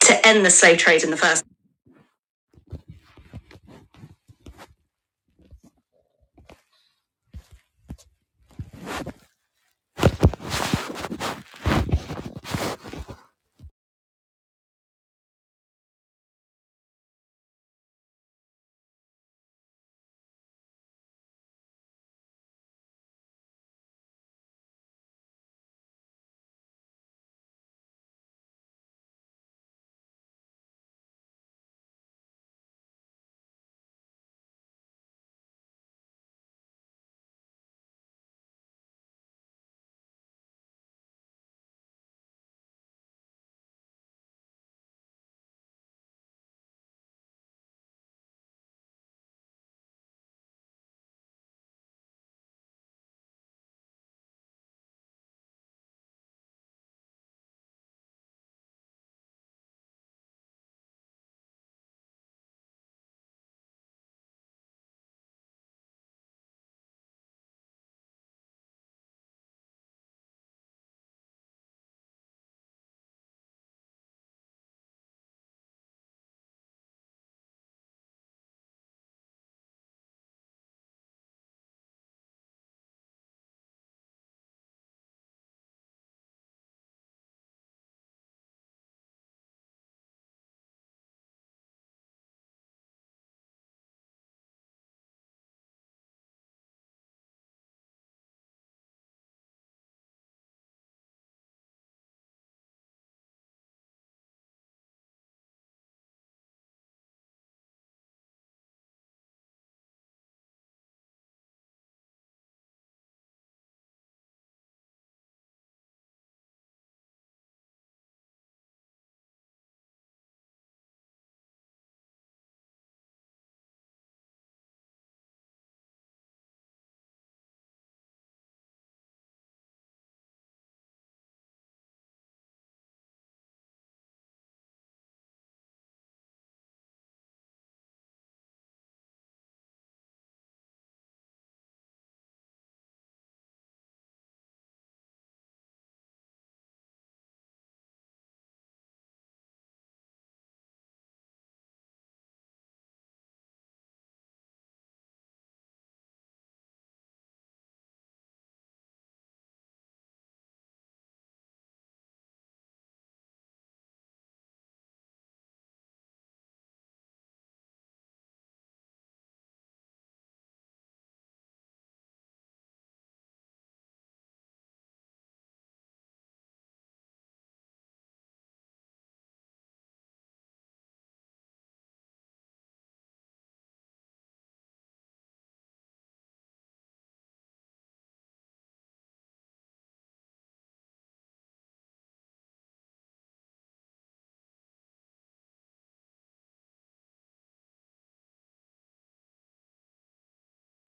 to end the slave trade in the first.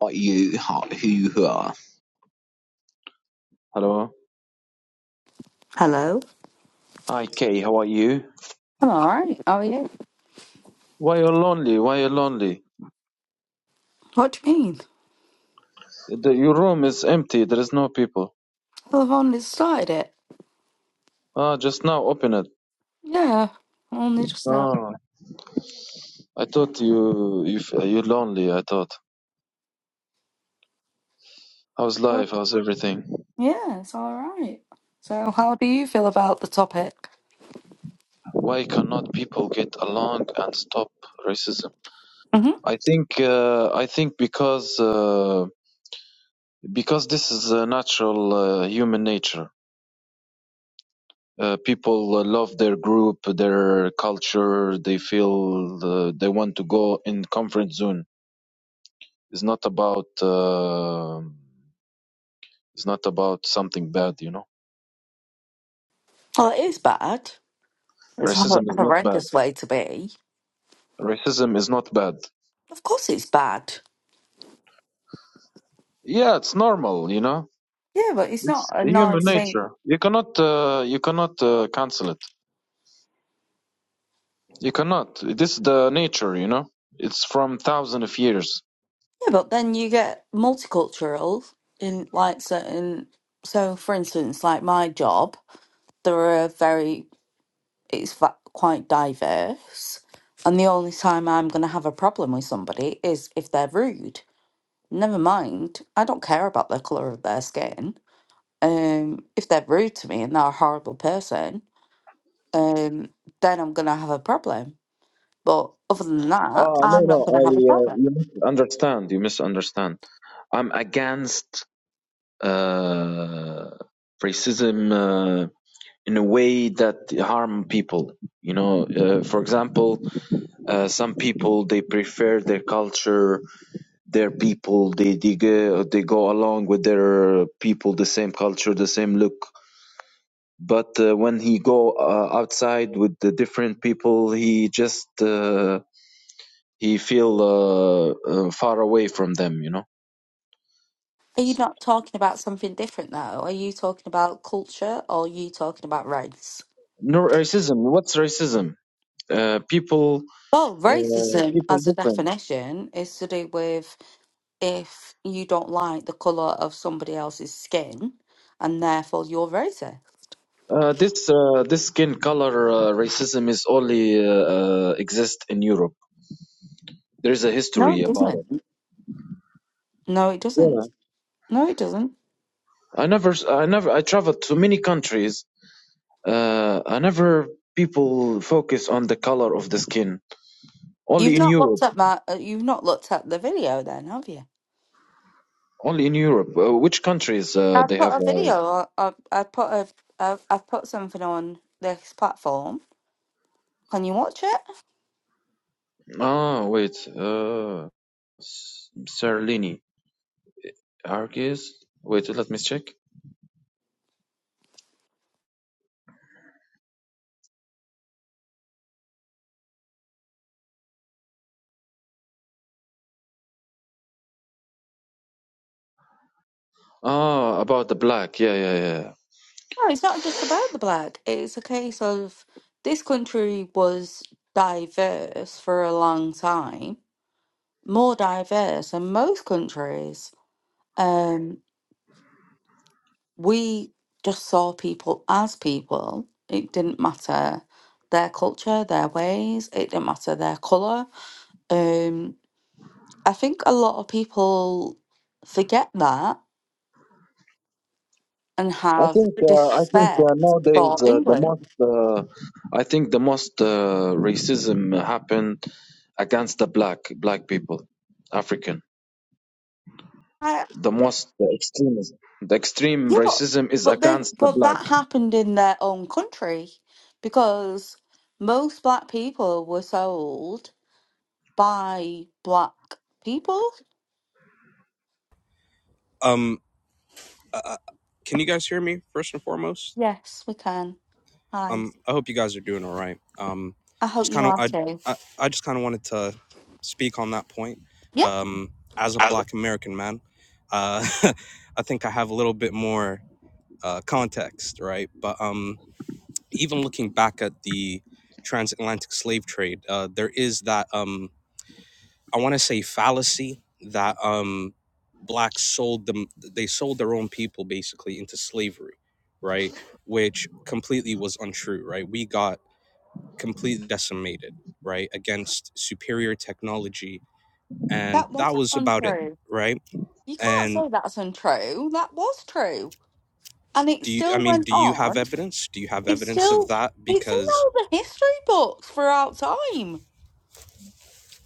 Are you? How, who you are? Hello. Hi, Kay. How are you? I'm all right. How are you? Why you lonely? Why you lonely? What do you mean? The, your room is empty. There is no people. Well, I've only started it. Ah, just now open it. Yeah, only just now. Ah, I thought you you you lonely. I thought. How's life? How's everything? Yeah, it's all right. So, how do you feel about the topic? Why cannot people get along and stop racism? hmm I think uh, I think because uh, because this is a natural uh, human nature. Uh, people uh, love their group, their culture. They feel uh, they want to go in comfort zone. It's not about uh, it's not about something bad, you know. Well, it is bad. It's a hor- Racism is not bad. horrendous way to be. Racism is not bad. Of course, it's bad. Yeah, it's normal, you know. Yeah, but it's not It's a human nice thing. nature. You cannot uh, you cannot uh, cancel it. You cannot. This is the nature, you know. It's from thousands of years. Yeah, but then you get multicultural in like certain. So, for instance, like my job, there are very it's va- quite diverse. And the only time I'm going to have a problem with somebody is if they're rude. Never mind, I don't care about the colour of their skin. Um, if they're rude to me and they're a horrible person, um, then I'm going to have a problem. But other than that, Oh, no, I'm no, not going I, to have a uh, problem. you misunderstand. You misunderstand. I'm against uh, racism uh, in a way that harm people. You know, uh, for example, uh, some people they prefer their culture, their people. They they go, they go along with their people, the same culture, the same look. but uh, when he go uh, outside with the different people he just uh, he feel uh, uh, far away from them you know Are you not talking about something different though? Are you talking about culture or are you talking about race? no racism what's racism uh, people Well, uh, racism people as a different definition is to do with if you don't like the color of somebody else's skin and therefore you're racist. uh, this uh, this skin color uh, racism is only uh, uh, exist in Europe. There is a No, history it about it. doesn't. No, it doesn't. Yeah, No, it doesn't. I never, I never, I traveled to many countries. Uh, I never people focus on the color of the skin. Only You've in not Europe looked at my. uh, You've not looked at the video, then, have you? Only in Europe. Uh, which countries uh, I they put have? a Uh, video. I I put a. I've, I've put something on this platform. Can you watch it? ah, wait. Uh, S- Serlini, Argis. Wait, let me check. Ah, about the black. Yeah, yeah, yeah. No, it's not just about the black. It's a case of this country was diverse for a long time, more diverse than most countries. Um, we just saw people as people. It didn't matter their culture, their ways, it didn't matter their colour. Um, I think a lot of people forget that and I have think uh, I think disrespect uh, nowadays for uh, the most England. uh, I think the most uh, racism happened against the black black people, African. I, The most the extremism, the extreme yeah, but racism is but then against the but black. that happened in their own country because most black people were sold by black people. Um, uh, uh, can you guys hear me first and foremost? Yes, we can. Hi. Um, I hope you guys are doing all right. Um, I hope just you kind of, are I, too. I, I just kind of wanted to speak on that point. Yeah, Um, as a Black American man, uh, I think I have a little bit more uh, context, right? But um, even looking back at the transatlantic slave trade, uh, there is that. Um, I want to say fallacy that um blacks sold them they sold their own people basically into slavery, right? Which completely was untrue, right? We got completely decimated, right, against superior technology and that that wasn't was about it, untrue. right? You can't And say that's untrue. That was true. And it do you I still mean, went do you have on. evidence? Do you have It's evidence of still that it's in because all the history books throughout time.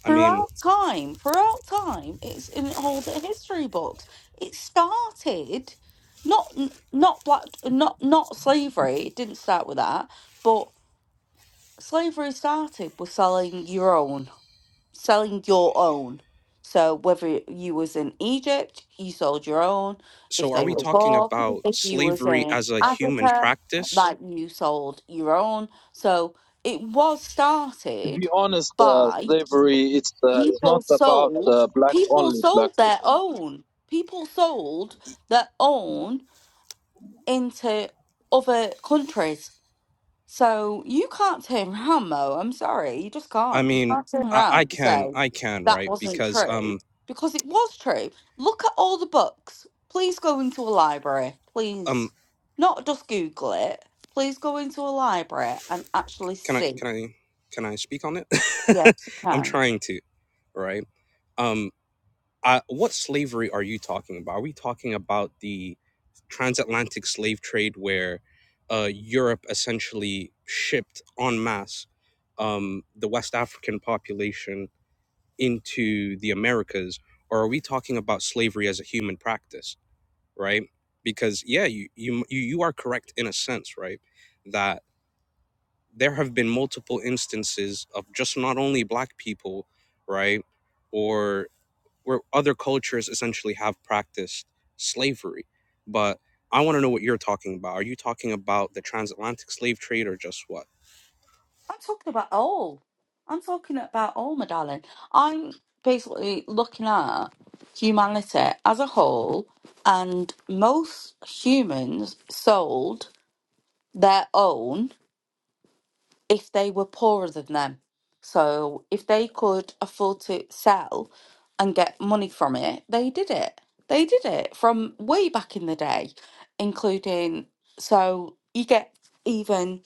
I mean, Throughout time. Throughout time. It's in all the history books. It started not n- not black not not slavery. It didn't start with that, but slavery started with selling your own. selling your own. So whether you was in Egypt, you sold your own. so If are they we were talking poor, about if you was slavery in as a human Africa, practice? like you sold your own. So it was to be started honest, uh, by slavery it's uh, it's people not about sold uh, black people only black sold their people. own. People sold their own into other countries. So you can't turn around, Mo. I'm sorry, you just I can't. You mean, can't turn I, I around and can, say I can, that right? wasn't Because um, true because it was true. Look at all the books. Please go into a library, um please. Not just Google it. Please go into a library and actually can i see. can i can i speak on it Yes, you i'm can. trying to right um I, what slavery are you talking about are we talking about the transatlantic slave trade where uh europe essentially shipped en masse um the west african population into the americas or are we talking about slavery as a human practice right because yeah you you you you are correct in a sense right That. there have been multiple instances of just not only black people, right, or where other cultures essentially have practiced slavery. But I want to know what you're talking about. Are you talking about the transatlantic slave trade or just what? I'm talking about all. I'm talking about all, my darling. I'm basically looking at humanity as a whole, and most humans sold their own if they were poorer than them. So if they could afford to sell and get money from it, they did it. They did it from way back in the day, including so you get even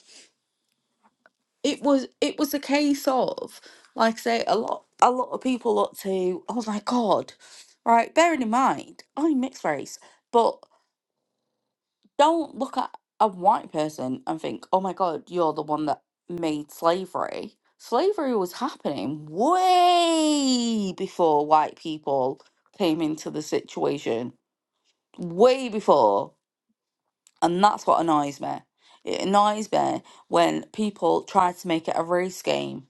it was it was a case of like I say a lot a lot of people look to oh my god right bearing in mind I'm mixed race but. Don't look at a white person and think, oh my God, you're the one that made slavery. Slavery was happening way before white people came into the situation, way before. And that's what annoys me. It annoys me when people try to make it a race game.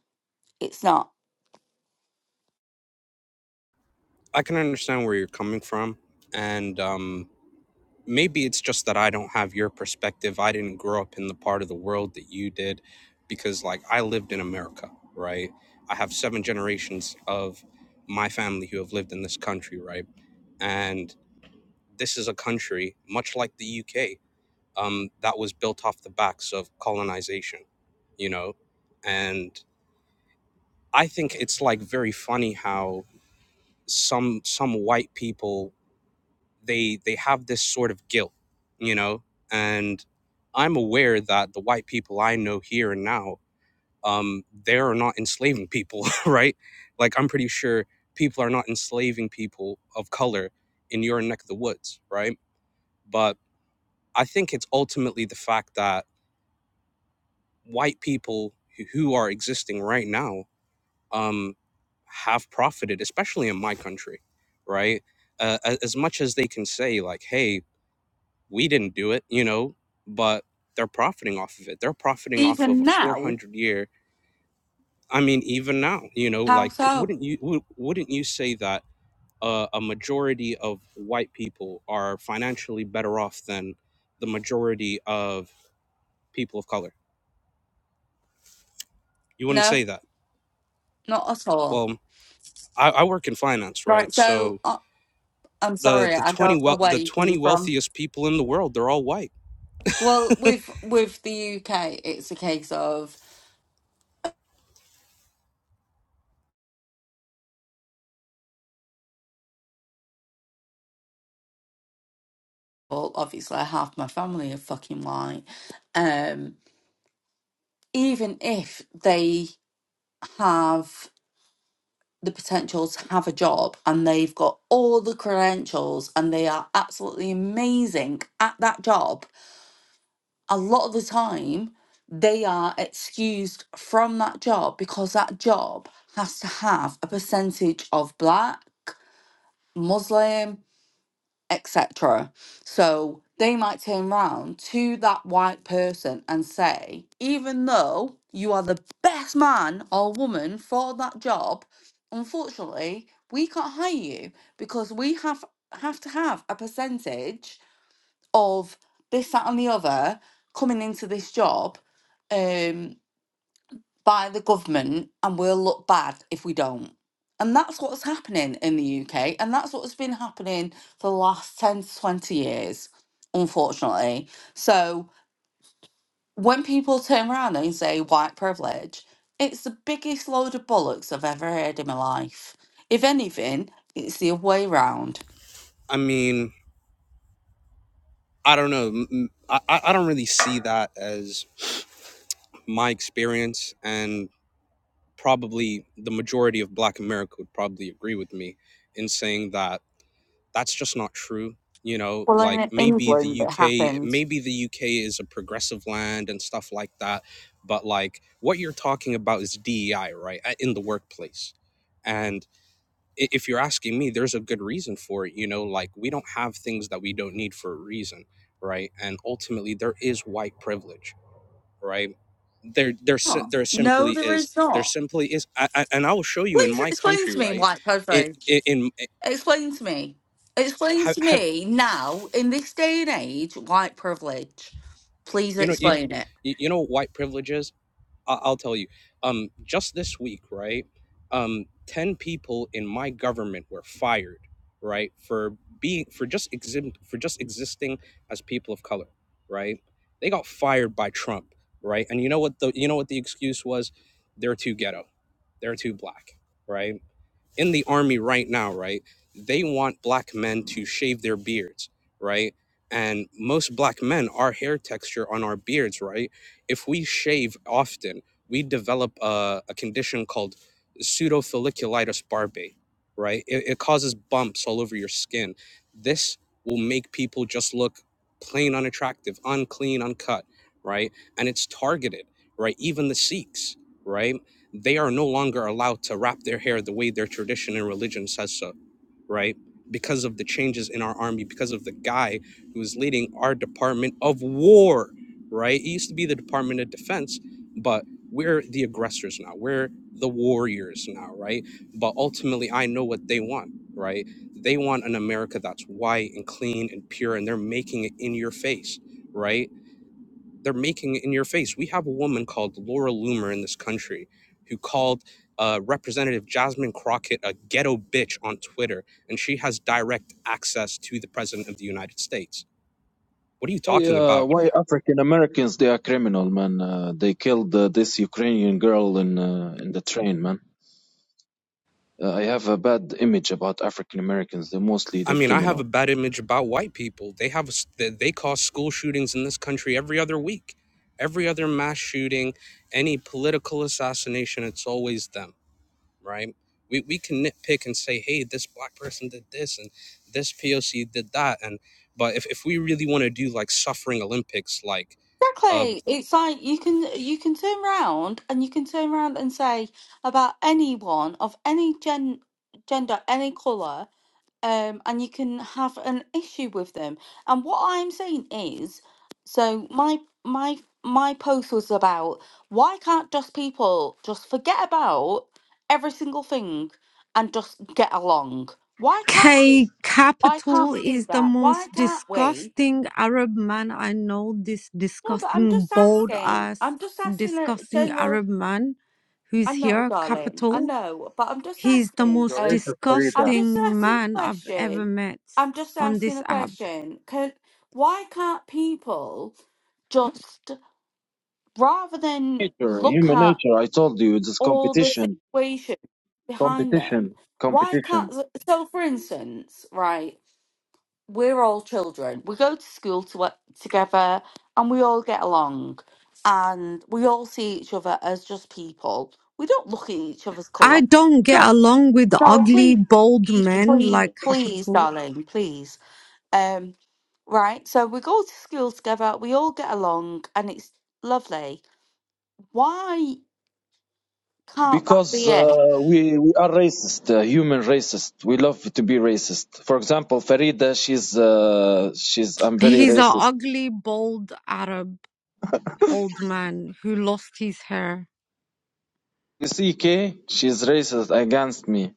It's not. I can understand where you're coming from, and um, maybe it's just that I don't have your perspective. I didn't grow up in the part of the world that you did because, like, I lived in America, right? I have seven generations of my family who have lived in this country, right? And this is a country, much like the UK, um, that was built off the backs of colonization, you know? And I think it's like very funny how some some white people they they have this sort of guilt you know and i'm aware that the white people i know here and now um they are not enslaving people right like i'm pretty sure people are not enslaving people of color in your neck of the woods right but i think it's ultimately the fact that white people who who are existing right now um have profited especially in my country right uh, a- as much as they can say like hey we didn't do it, you know, but they're profiting off of it. They're profiting off of Even a now? 400 year. I mean, even now, you know, How like so? wouldn't you wou- wouldn't you say that uh, a majority of white people are financially better off than the majority of people of color? You wouldn't No, say that. not at all. Well, I, I work in finance, right? Right, so So uh, I'm the sorry, the I 20 don't know well where the you coming 20 from. wealthiest people in the world, they're all white. Well, with with the UK, it's a case of well, obviously half my family are fucking white. Um, even if they have the potential to have a job and they've got all the credentials and they are absolutely amazing at that job, a lot of the time they are excused from that job because that job has to have a percentage of black, Muslim, etc. So they might turn round to that white person and say, even though you are the best man or woman for that job, unfortunately, we can't hire you because we have have to have a percentage of this, that, and the other coming into this job. Um by the government and we'll look bad if we don't. And that's what's happening in the UK. And that's what's been happening for the last 10 to 20 years, unfortunately. So when people turn around and say white privilege, it's the biggest load of bollocks I've ever heard in my life. If anything, it's the way round. I mean, I don't know. m- m- I, I I don't really see that as my experience and probably the majority of black america would probably agree with me in saying that that's just not true you know Well, like in maybe England, the it uk happens. maybe the uk is a progressive land and stuff like that but like what you're talking about is dei right uh, in the workplace and i- if you're asking me there's a good reason for it you know like we don't have things that we don't need for a reason right and ultimately there is white privilege right? There, there, si- No, there simply no, there is. is There not. simply is, I, I, and I will show you in Please my explain country, to me right? white In, privilege. in, in Explain to me. Explain have, to have me now, in this day and age, white privilege. Please you know, you, explain it. you you know, what white privilege is. I, I'll tell you. Um, just this week, right? Um, ten people in my government were fired, right, for being for just exhibit for just existing as people of color, right? They got fired by Trump, right? And you know what the you know what the excuse was? They're too ghetto. They're too black, right? in the army right now, right? They want black men to shave their beards, right? And most black men, our hair texture on our beards, right? If we shave often, we develop a, a condition called pseudofolliculitis barbae, right? It, it causes bumps all over your skin. This will make people just look plain unattractive, unclean, uncut, right? And it's targeted, right? Even the Sikhs, right? they are no longer allowed to wrap their hair the way their tradition and religion says so, right? Because of the changes in our army, because of the guy who is leading our Department of War, right? It used to be the Department of Defense, but we're the aggressors now. We're the warriors now, right? But ultimately, I know what they want, right? They want an America that's white and clean and pure, and they're making it in your face, right? they're making in your face. We have a woman called Laura Loomer in this country who called uh, Representative Jasmine Crockett a ghetto bitch on Twitter, and she has direct access to the President of the United States. What are you Why, talking uh, about? why African Americans they are criminal, man. Uh, they killed uh, this Ukrainian girl in uh, in the train, man. Uh, I have a bad image about African Americans. They're mostly I the mean, I have a criminal. bad image about white people. They have a s- they cause school shootings in this country every other week, every other mass shooting, any political assassination. It's always them. right? We, we can nitpick and say, hey, this black person did this and this POC did that. And but if, if we really want to do like suffering Olympics, like um. Exactly. It's like you can you can turn around and you can turn around and say about anyone of any gen gender, any colour, um, and you can have an issue with them. And what I'm saying is, so my my my post was about why can't just people just forget about every single thing and just get along? Why can't we? K Why can't Capital we do is the that? most Why can't we? disgusting Arab man I know. This No, but I'm disgusting, just bald asking. ass, I'm just asking a disgusting general. Arab man I who's know, here, darling. I Capital. know, but I'm just He's the asking. You're most Uh, racist, Farida. I'm just disgusting asking a man I've ever question. met I'm just on asking this a app. question. Can why can't people just rather than Nature, look human at nature. I told you, this all the competition. situation behind them? Competition, Why can't competition. so for instance, right? We're all children. We go to school to, together and we all get along and we all see each other as just people. We don't look at each other's I colour. don't get along with No, ugly, please, bald please, men please, like please, Capital. darling, please. Um, right, so we go to school together, we all get along, and it's lovely. Why can't that Because be uh, it? we, we are racist, uh, human racist. We love to be racist. For example, Farida, she's uh, she's I'm very He's a racist. ugly, bald Arab old man who lost his hair. You see, K, she's racist against me.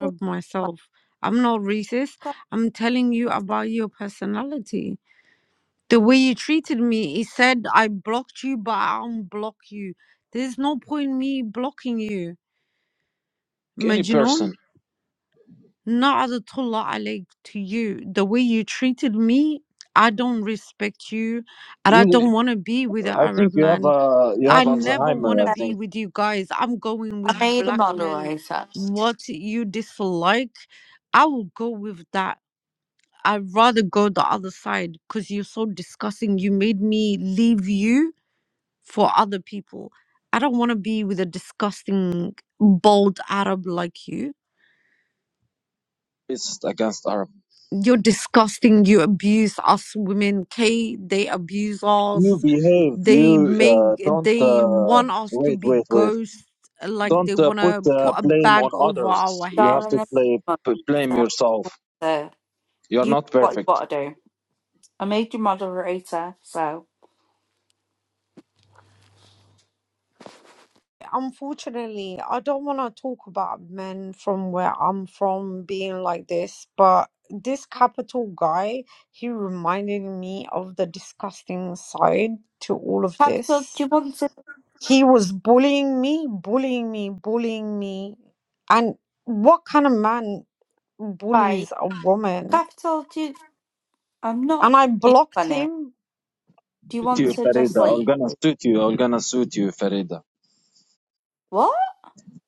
For of myself. I'm not racist. God's I'm telling you about your personality. The way you treated me, he said I blocked you, but I unblock you. There's no point me blocking you. Any Majnun, person. not alayk to you. The way you treated me, I don't respect you and I You don't want to be with an I Arab think you have man. uh, you I have never Alzheimer. want to I sake, be think with you guys. I'm going I with made a black men. moderator. What you dislike, I will go with that I'd rather go the other side because you're so disgusting. You made me leave you for other people. I don't want to be with a disgusting, bold Arab like you. it's against Arab. You're disgusting. You abuse us women. K, they abuse You us. behave. They You uh, make, don't they uh, want us to wait, be wait, wait. ghosts. Like they Don't uh, want put to uh, put a blame on bag over our others. You have Darling, I to made heads. play, a p- blame moderator. yourself. So You're you do not what you perfect. want to do. I made you moderator, so Unfortunately, I don't want to talk about men from where I'm from being like this, but this capital guy, he reminded me of the disgusting side to all of capital. Do this. you want to He was bullying me, bullying me, bullying me. And what kind of man like bullies a woman? capital? Do you, I'm not And I being blocked funny. him Do you Suit want you, to just Farida. I'm leave? gonna Like, suit you. I'm gonna suit you, Farida. what?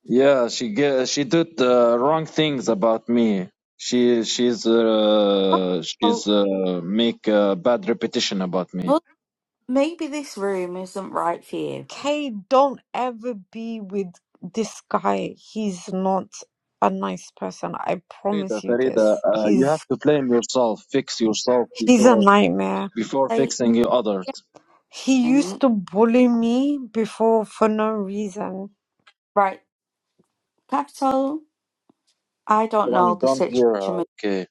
Yeah, she ge- she did uh, wrong things about me. She she's uh, Well, she's uh, make a bad repetition about me. well, maybe this room isn't right for you. Kay, don't ever be with this guy. He's not a nice person. I Farida, promise you Farida, this. uh, you He's have to blame yourself, fix yourself he's a before nightmare. before Like, fixing you others. He used and- to bully me before for no reason. right, capital. I don't know Don't the hear situation, with- okay?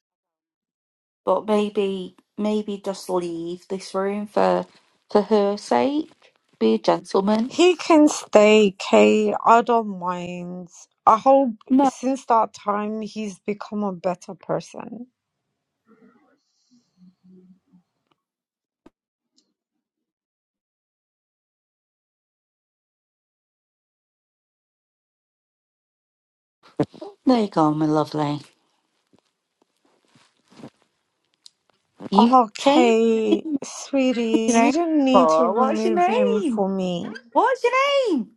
but maybe maybe just leave this room for for her sake. Be a gentleman. He can stay, Kay. I don't mind. I hope No, since that time he's become a better person. there you go, my lovely. You changed Okay, your sweetie, you name. don't need to Oh, what's your remove him name? for me. What's your name?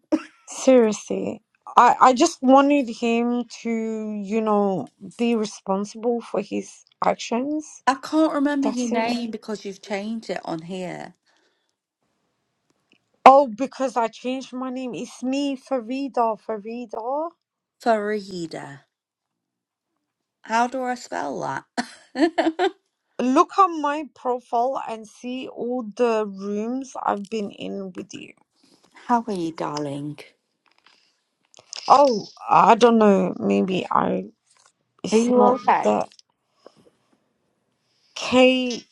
Seriously, I, I just wanted him to, you know, be responsible for his actions. I can't remember your That's it. Mhm. name because you've changed it on here. Oh, because I changed my name. It's me, Farida. Farida. Farida. How do I spell that? Look at my profile and see all the rooms I've been in with you. how are you, darling? Oh, I don't know. Maybe I. Are It's you not okay? that. Kay,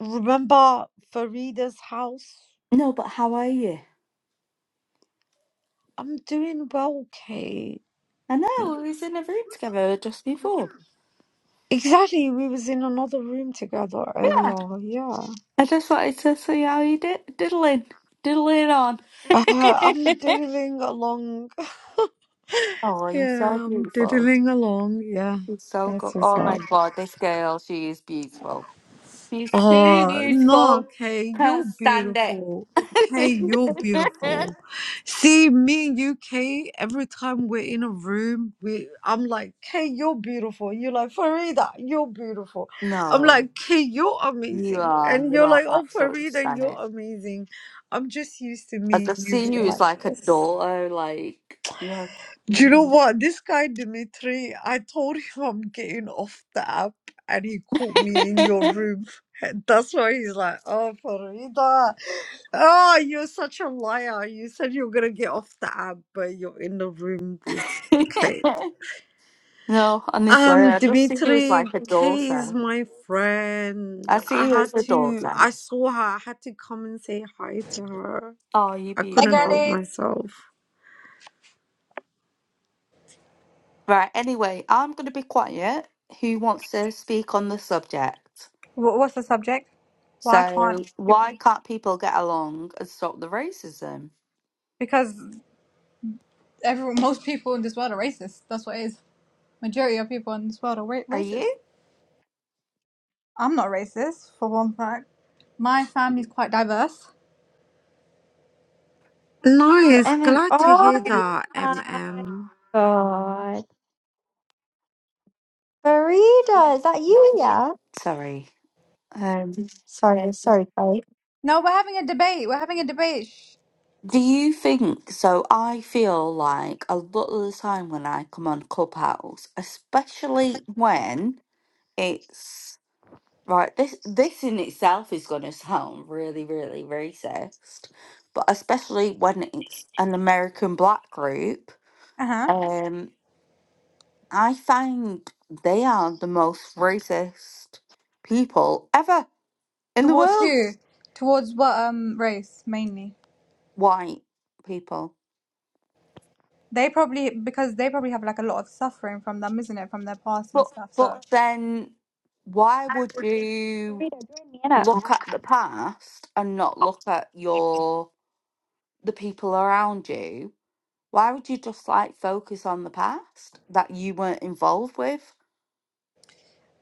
remember Farida's house? No, but how are you? I'm doing well, Kay. I know, we was in a room together just before. Exactly, we was in another room together Yeah. earlier. Yeah, I just wanted to see how you did diddling. Diddling on. uh, I'm diddling along. oh, you're so Yeah, I'm beautiful. diddling along. Yeah, You're so that's good. what's Oh up. my god, this girl, she is beautiful. She's too Oh, no, beautiful. Kay, you're Can't stand it. beautiful. Kay, you're beautiful. See, me and you, Kay, every time we're in a room, we I'm like, Kay, you're beautiful. You're like, Farida, you're beautiful. I'm no, like, Kay, you're you amazing. are. And You you're are like, oh, absolutely Farida, you're stunning. amazing. I'm just used to I me and just you see being you as like like a this. daughter. Like you're. Do you know mm. what? This guy, Dimitri, I told him I'm getting off the app and he caught me in your room. That's why he's like, oh, Farida, oh, you're such a liar. You said you were going to get off the app, but you're in the room with Kate. no, honestly, Um, I just see you as Dimitri, like a Kay is daughter. my friend. I I see you as had a to, daughter. I saw her. I had to come and say hi to her. Oh, you're I Hey, couldn't beautiful. help girlies, myself. Right. Anyway, I'm going to be quiet. Who wants to speak on the subject? Wh- What's the subject? Why So can't people? why can't people get along and stop the racism? Because everyone, most people in this world are racist. That's what it is. Majority of people in this world are ra- Are racist. you I'm not racist, for one fact. My family's quite diverse. Your Nice. MM. Glad to Oh hear that, my MM. god. Farida, is that you? Yeah. sorry? Um, Sorry, sorry, Chloe. No, we're having a debate. We're having a debate. do you think so? I feel like a lot of the time when I come on Clubhouse, especially when it's right, this this in itself is going to sound really, really racist, but especially when it's an American black group, Uh huh. um, I find they are the most racist people ever in the Towards world who? Towards what um race mainly? white people. They probably because they probably have like a lot of suffering from them, isn't it, from their past and But stuff. but So. then why would you Farida, join me in it. look at the past and not look at your the people around you? Why would you just like focus on the past that you weren't involved with?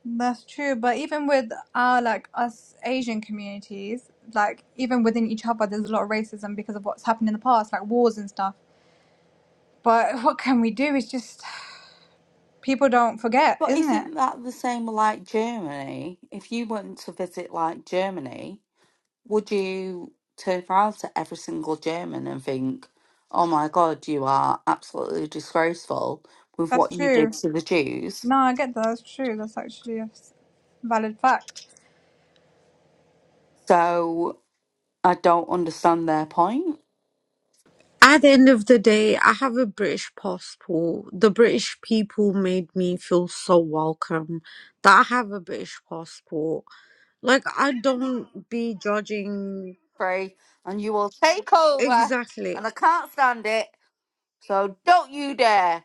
That's true, but even with our like us Asian communities, like even within each other, there's a lot of racism because of what's happened in the past, like wars and stuff. But what can we do? It's just people don't forget, But isn't it? isn't that the same with, like Germany? If you went to visit like Germany, would you turn around to every single German and think, oh my God, you are absolutely disgraceful with what That's you did true. to the Jews? No, I get that. That's true. That's actually a s- valid fact. So I don't understand their point. At the end of the day, I have a British passport. The British people made me feel so welcome that I have a British passport. Like, I don't be judging. Free, and you will take over, Exactly. and I can't stand it. So don't you dare.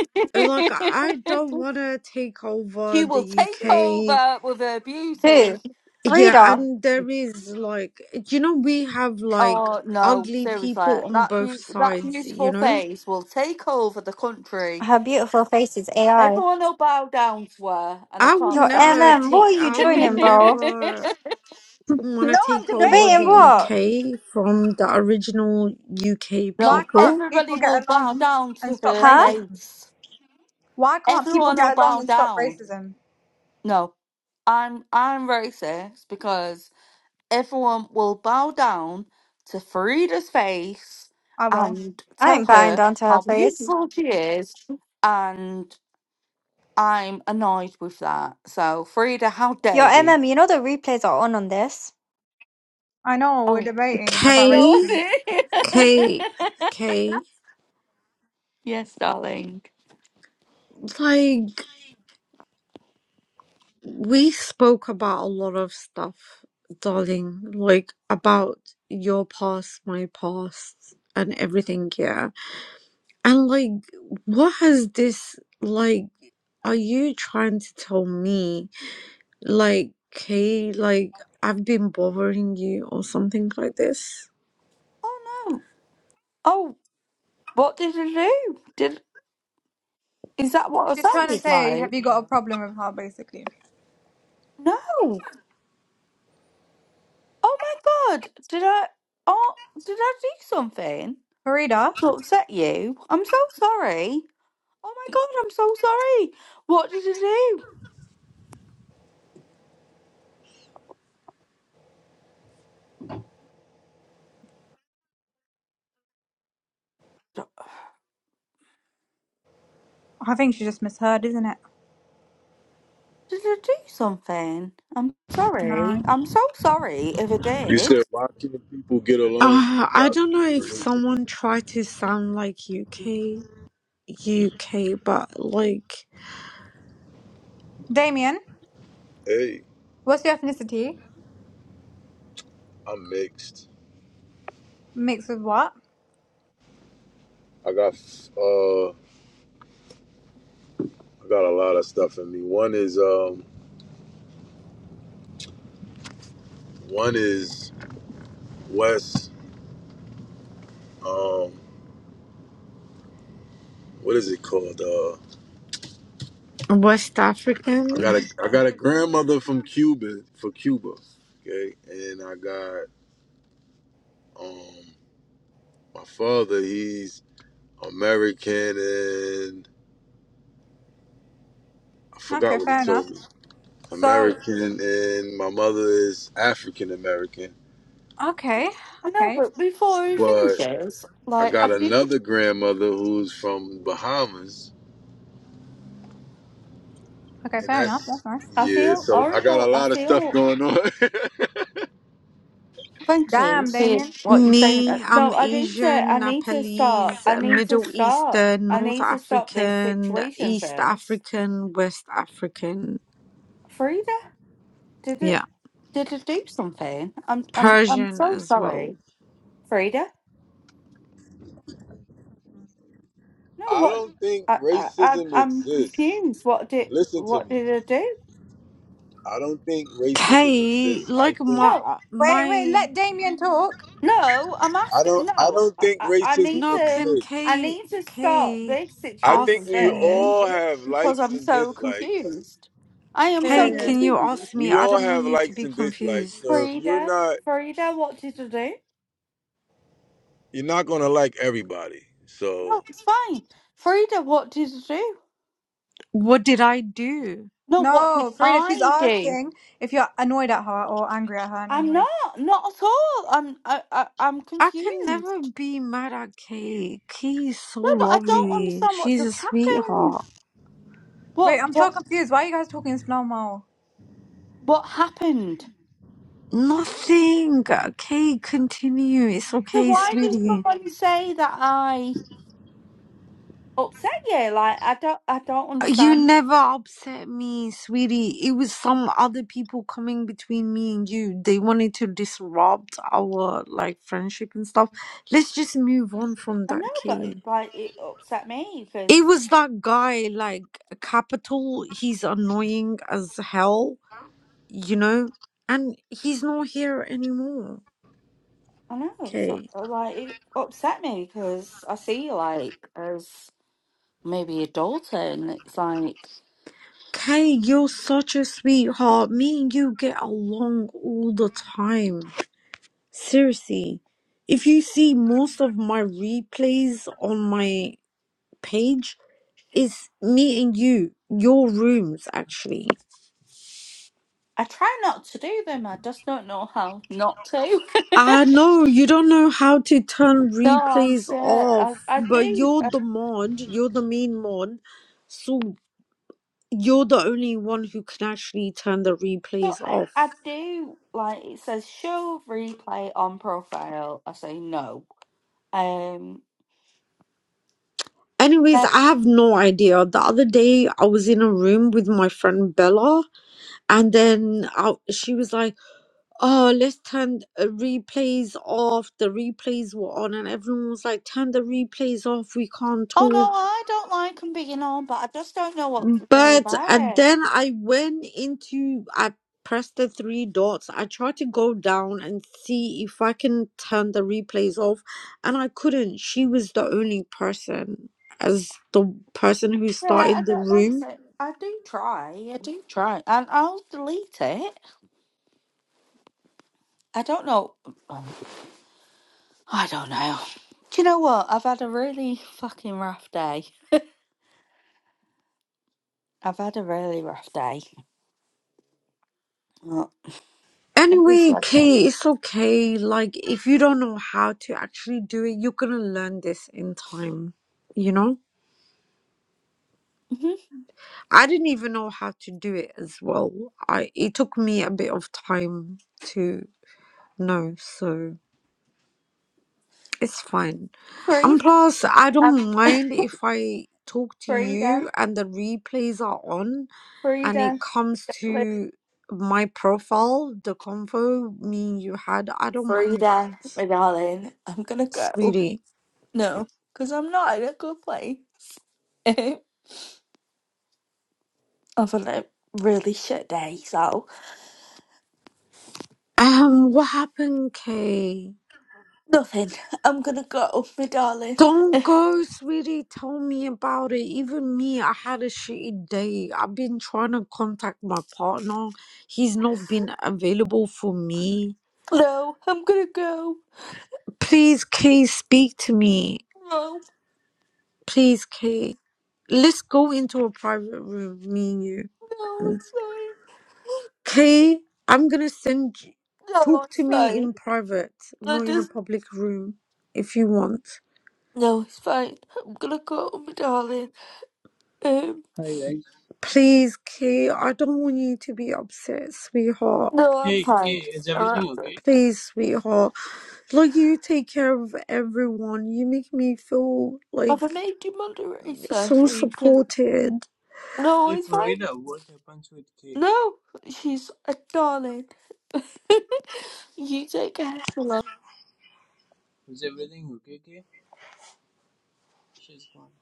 Like, I don't want to take over she will the take UK. over with her Who, beauty. Yeah, Farida, and there is, like, you know, we have, like, Oh no, ugly seriously, people on that both be- that sides, you beautiful know? face will take over the country her beautiful face is AI. Everyone will bow down to her, and I I would can't Your stand never MM, what take, are you I would joining, bro? it. never. want No, to I'm take over Debating the debating. what? UK from the original UK Why no, can't people. people everybody get will bow along down and to stop her Huh? racism? face. Why can't people Everyone will get along bow and stop down. racism? No, I'm I'm racist because everyone will bow down to Farida's face Oh well, and I tell ain't bowing her down to her how face. beautiful she is, and I'm annoyed with that. So, Farida, how dare Your you? MM, you know the replays are on on this. I know we're Oh, debating about no, K, racism. I K, didn't. K. yes, darling. Like, we spoke about a lot of stuff, darling. Like, about your past, my past, and everything, yeah. And, like, what has this, like, are you trying to tell me, like, K, like, I've been bothering you or something like this? Oh no. Oh, what did I do? Did is that what I She's trying to sounded say, have like? you got a problem with her, basically? No. Oh my god. Did I? Oh, did I do something Farida, to upset you? I'm so sorry. Oh my god, I'm so sorry. What did I do? I think she just misheard, isn't it? Did I do something? I'm sorry. No. I'm so sorry if I You did. said, why can't people get along? Uh, I Stop don't know the if someone tried to sound like UK, UK, but like Damien, Hey, what's your ethnicity? I'm mixed. Mixed with what? I got uh, I got a lot of stuff in me. One is um, one is West. Um, what is it called? Uh, West I African. got a I got a grandmother from Cuba for Cuba. Okay, and I got um, my father. He's American, and I forgot Okay, what he fair enough. told me. So, American, and my mother is African American, okay, I know, okay. but before he but. finishes, I like I got feel, another grandmother who's from Bahamas, Okay, and fair enough. That's that's nice. I yeah. feel So I got horrible. a I lot of stuff feel going on. Thank you Damn, for Damien. what you're saying. Uh, Me, I'm No, I need to. I Asian, need to stop. Nepalese, I need to Middle stop. Eastern, I North need to stop this African, situation East first. African, West African. Frida, did it? Yeah, Did it do something? I'm. I'm. I'm Persian so as well. sorry, Frida. No, I what? don't think I. I. I'm racism I'm exists. confused. What did? Listen to What me. did it do? I don't think racism K, exists. I like think No. my Wait, wait, my let Damien talk. No, I'm I asking. don't. I No, don't I, think I I racism need no, to. can exists. I K need to start K this I think situation ask we me? first all have because likes I'm and so dislikes. confused. I am Hey, so Period. can you confused. ask me? We I all don't want have you to likes be and confused. dislikes. So if you're Frida, not, Frida, what did I do? you're not gonna like everybody. So No, it's fine. Frida, what did I do? What did I do? No, what did No, Farida, she's I do? asking if you're annoyed at her or angry at her in any I'm way. not, not at all. I'm, I, I, I'm I can confused. never be mad at Kay. Kay is so No, but I don't lovely. understand what She's a just happened. sweetheart. Wait, What, I'm so what, confused. Why are you guys talking slow mo? what happened? Nothing. Kay, continue. It's So okay, why did sweetie. somebody say that I? upset you. Like I don't, I don't You understand. never upset me, sweetie. It was some other people coming between me and you. They wanted to disrupt our like friendship and stuff. Let's just move on from I know, that, but Kay. like it upset me It because was that guy, like Capital. He's annoying as hell, you know? And he's not here anymore. I know it's not- Okay. uh, like it upset me because I see you like as maybe a daughter, and it's like Kay, you're such a sweetheart. Me and you get along all the time. Seriously. If you see most of my replays on my page, it's me and you, your rooms, actually. I try not to do them. I just don't know how not to. I know you don't know how to turn no, I'm replays sure off, I, I but do. you're I, the mod, you're the main mod, so you're the only one who can actually turn the so replays I, off. I do like it says show replay on profile. I say no. Um. Anyways, I have no idea. The other day, I was in a room with my friend Bella, and then I, she was like, Oh, let's turn the replays off. The replays were on, and everyone was like, Turn the replays off. We can't Oh talk. no, I don't like them being on, but I just don't know what to do But about uh, it. then I went into, I pressed the three dots. I tried to go down and see if I can turn the replays off, and I couldn't. She was the only person, as the person who Yeah, I started the don't like it. room. I do try. I do try, and I'll delete it. I don't know. um, I don't know. Do you know what? I've had a really fucking rough day. I've had a really rough day. Well, It was Anyway, like this. Kay, it's okay. Like, if you don't know how to actually do it, you're gonna learn this in time. You know, Mhm. I didn't even know how to do it as well. I it took me a bit of time to know, so. It's fine. Free. And plus, I I'm don't mind if I talk to Frida. you and the replays are on and it Frida. comes to my profile, the convo me you had. I don't mind Frida, that, my darling. I'm gonna go. sweetie. No, because I'm not in a good place. I've had a like, really shit day, so Um, what happened, Kay? nothing. I'm gonna go, my darling. Don't go, sweetie. Tell me about it. Even me, I had a shitty day. I've been trying to contact my partner. He's not been available for me. No, I'm gonna go. Please, Kay, speak to me. No, Please, Kay, let's go into a private room, me and you. no, it's fine. Kay, I'm gonna send you. No, Talk it's to me fine. in private, I not in a just public room, if you want. no, it's fine. I'm gonna go, my darling. Um, Hi guys. Please, Kay, I don't want you to be upset, sweetheart. no, I'm Hey K, fine. is No, I'm everything absolutely okay? fine. Please, sweetheart. Like, you take care of everyone. You make me feel like Have I made you moderator so so you can? supported. No, Hey it's fine. Farida, what happens with K? No, she's a darling. you take care. Hello. Is everything okay, K? She's gone.